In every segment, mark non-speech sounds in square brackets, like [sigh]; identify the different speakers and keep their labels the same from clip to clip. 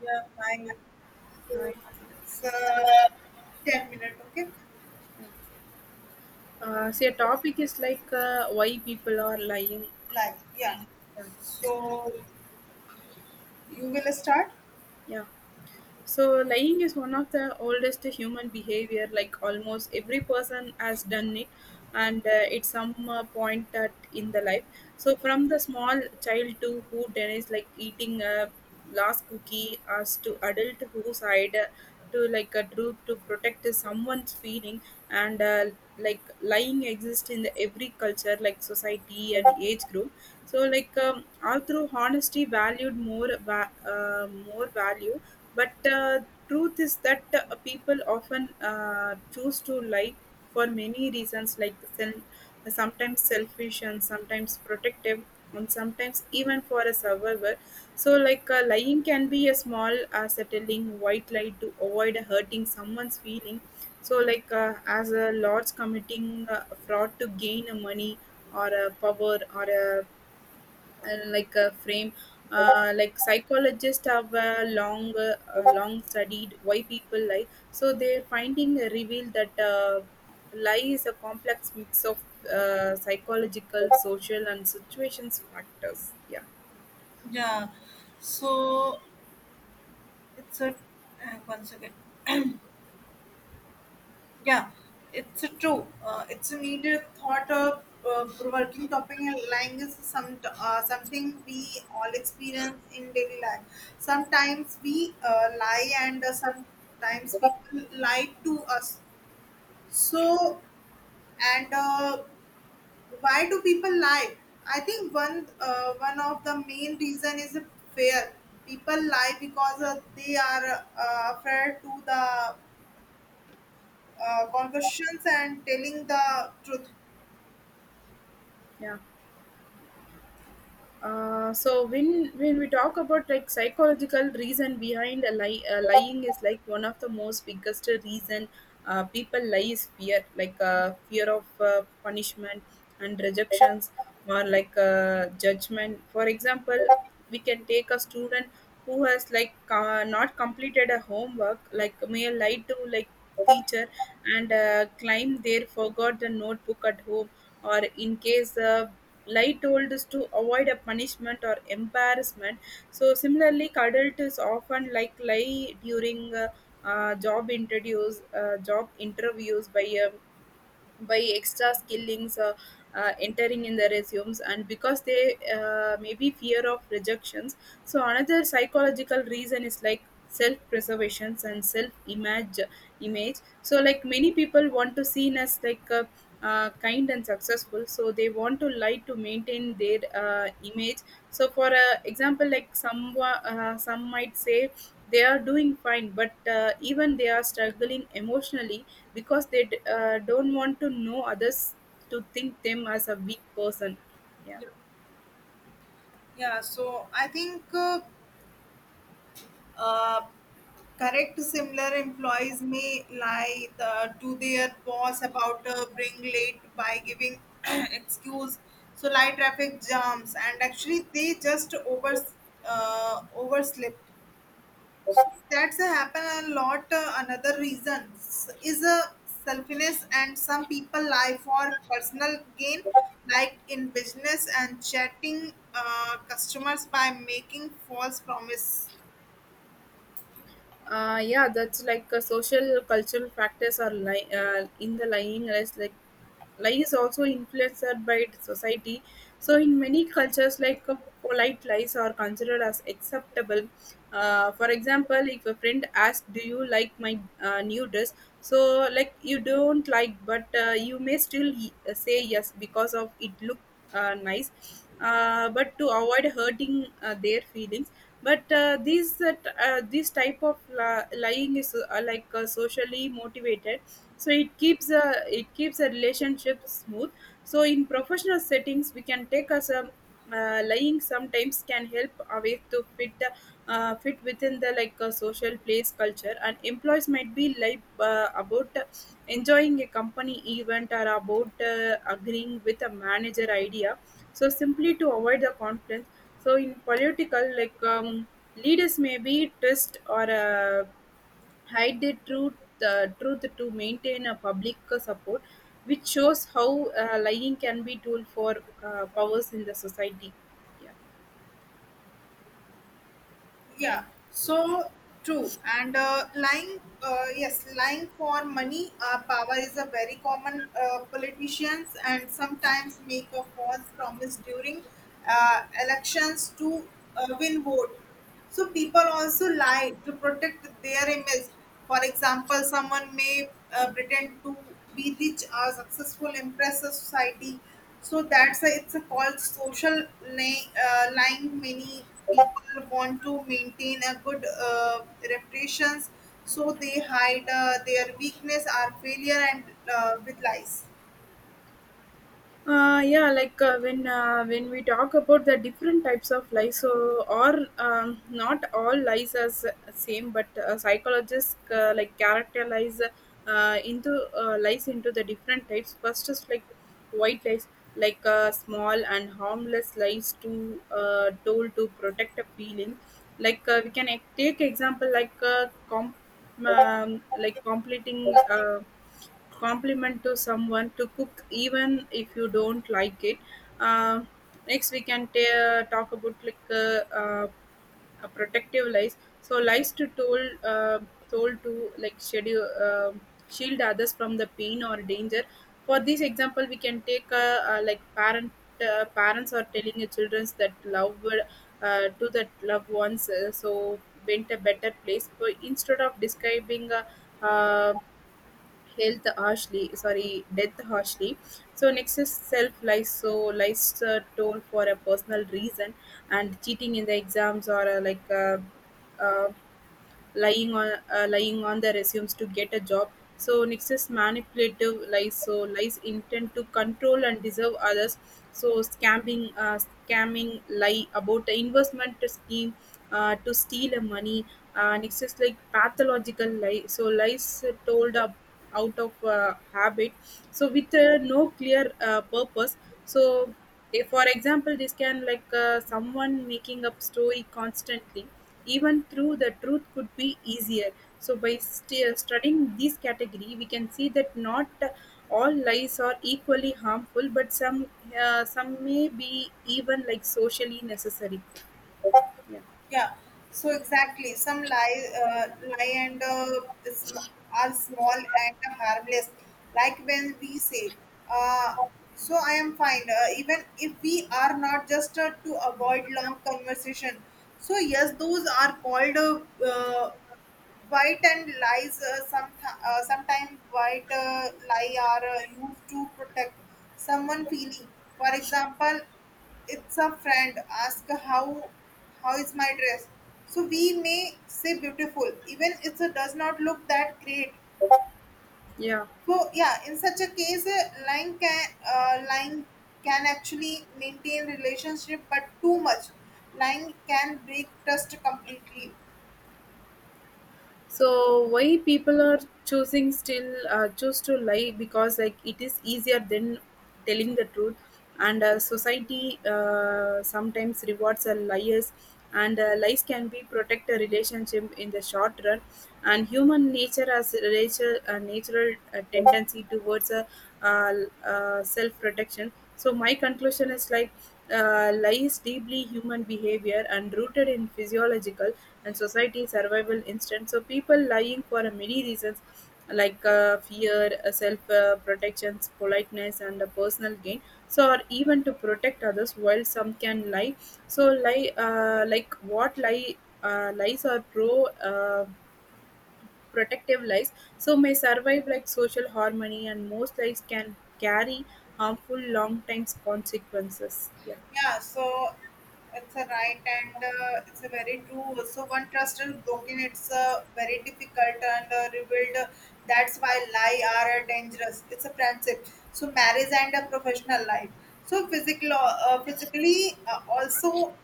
Speaker 1: Yeah, hi.
Speaker 2: Right.
Speaker 1: So it's 10-minute, okay?
Speaker 2: Uh, so your topic is like why people are lying.
Speaker 1: Live, yeah.
Speaker 2: Yeah.
Speaker 1: So you will start?
Speaker 2: Yeah. So, lying is one of the oldest human behavior, like almost every person has done it, and at some point that in the life. So, from the small child to who denies like eating a last cookie, as to adult who side to like a truth to protect someone's feeling, and like lying exists in the every culture, like society and age group. So, like all through honesty valued more, more value, but truth is that people often choose to lie for many reasons, like sometimes selfish and sometimes protective, and sometimes even for a survivor. So, like lying can be a small, settling white lie to avoid hurting someone's feeling. So, like as a large committing fraud to gain money or a power or a like a frame. Like psychologists have long studied why people lie, so their finding revealed that lie is a complex mix of psychological social and situations factors. Yeah.
Speaker 1: Yeah, so it's a 1 second. Yeah, it's a true. It's a needed thought of provoking topic. And Lying is something we all experience in daily life. Sometimes we lie, and sometimes people lie to us. So, and Why do people lie? I think one of the main reason is fear. People lie because they are afraid to the conversations and telling the truth.
Speaker 2: Yeah. So when we talk about like psychological reason behind a lie, lying is like one of the most biggest reason, people lie is fear, like fear of punishment and rejections, or like judgment. For example, we can take a student who has like not completed a homework, like may lie to like teacher and claim they forgot the notebook at home, or in case lie told is to avoid a punishment or embarrassment. So similarly, cuddled is often like lie during job interviews by extra skillings, entering in the resumes, and because they may be fear of rejections. So another psychological reason is like self preservation and self image. So like many people want to seen as like kind and successful, so they want to lie to maintain their image. So for example, like some might say they are doing fine, but even they are struggling emotionally, because they don't want to know others to think them as a weak person. Yeah.
Speaker 1: Yeah, so I think uh, correct similar employees may to their boss about being late by giving [clears throat] excuse. So light traffic jams and actually they just overslip. That's a happen a lot. Another reasons is a selfishness, and some people lie for personal gain, like in business and chatting customers by making false promise,
Speaker 2: Yeah, that's like social cultural factors are in the lying, as like lying is also influenced by the society. So in many cultures, like polite lies are considered as acceptable. For example, if a friend asks, "Do you like my new dress?" So like you don't like, but you may still say yes because of it look nice. But to avoid hurting their feelings, but these that this type of lying is like socially motivated, so it keeps a relationship smooth. So in professional settings, we can take as a lying sometimes can help away to fit the fit within the like social place culture, and employees might be like about enjoying a company event, or about agreeing with a manager idea, so simply to avoid the conflict. So in political, like leaders may be twist or hide the truth to maintain a public support, which shows how lying can be tool for powers in the society. Yeah. Uh,
Speaker 1: yeah. So true and lying, yes, lying for money, power is a very common. Politicians and sometimes make a false promise during elections to win vote. So people also lie to protect their image. For example, someone may pretend to be rich or successful, impress the society. So that's a, it's a called social lying. Lying. Many people want to maintain a good reputations, so they hide their weakness or failure and with lies.
Speaker 2: yeah, like when we talk about the different types of lies, so or not all lies are same, but psychologists like characterize into lies into the different types. First is like white lies, like small and harmless lies to told to protect a feeling. Like we can take example like like completing. Compliment to someone to cook, even if you don't like it uh, Next we can talk about like protective lies, so lies to told told to like schedule shield others from the pain or danger. For this example we can take like parents are telling the children that love to that loved ones, so went a better place, but instead of describing uh, health harshly sorry death harshly. So next is self lies, so lies told for a personal reason, and cheating in the exams, or like uh, lying on the resumes to get a job. So next is manipulative lies, so lies intend to control and deserve others. So scamming lie about the investment scheme to steal money. Next is like pathological lie. So lies told up out of habit. So with no clear purpose. So if, for example, this can like someone making up story constantly, even through the truth could be easier. So by studying this category, we can see that not all lies are equally harmful, but some may be even like socially necessary.
Speaker 1: Yeah, so exactly. Lie and sm- are small and harmless. Like when we say, uh, "So I am fine," even if we are not, just to avoid long conversation. So yes, those are called White and lies, sometimes white lie are used to protect someone feeling. For example, it's a friend ask how is my dress. So we may say beautiful, even if it does not look that great.
Speaker 2: Yeah.
Speaker 1: So yeah, in such a case, lying can actually maintain relationship, but too much lying can break trust completely.
Speaker 2: So why people are choosing still choose to lie, because like it is easier than telling the truth, and society sometimes rewards liars, and lies can be protect a relationship in the short run, and human nature has a natural tendency towards uh, self protection. So my conclusion is like lies deeply human behavior and rooted in physiological and society survival instinct. So people lying for many reasons like fear, self protection, politeness, and personal gain. So or even to protect others, while some can lie. So lie like what lie lies are pro. Uh, protective lies so may survive like social harmony, and most lies can carry harmful long times consequences. Yeah.
Speaker 1: Yeah, so it's a right and it's a very true. So one trust is broken, it's very difficult and rebuild. That's why lie are dangerous. It's a friendship. So marriage and a professional life. So physically also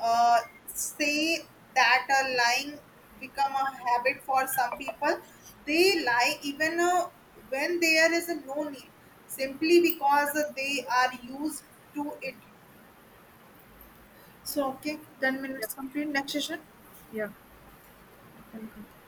Speaker 1: uh, say that lying become a habit for some people. They lie even when there is no need, simply because they are used to it. So okay, ten
Speaker 2: Yeah.
Speaker 1: minutes complete. Next session.
Speaker 2: Yeah. Thank you.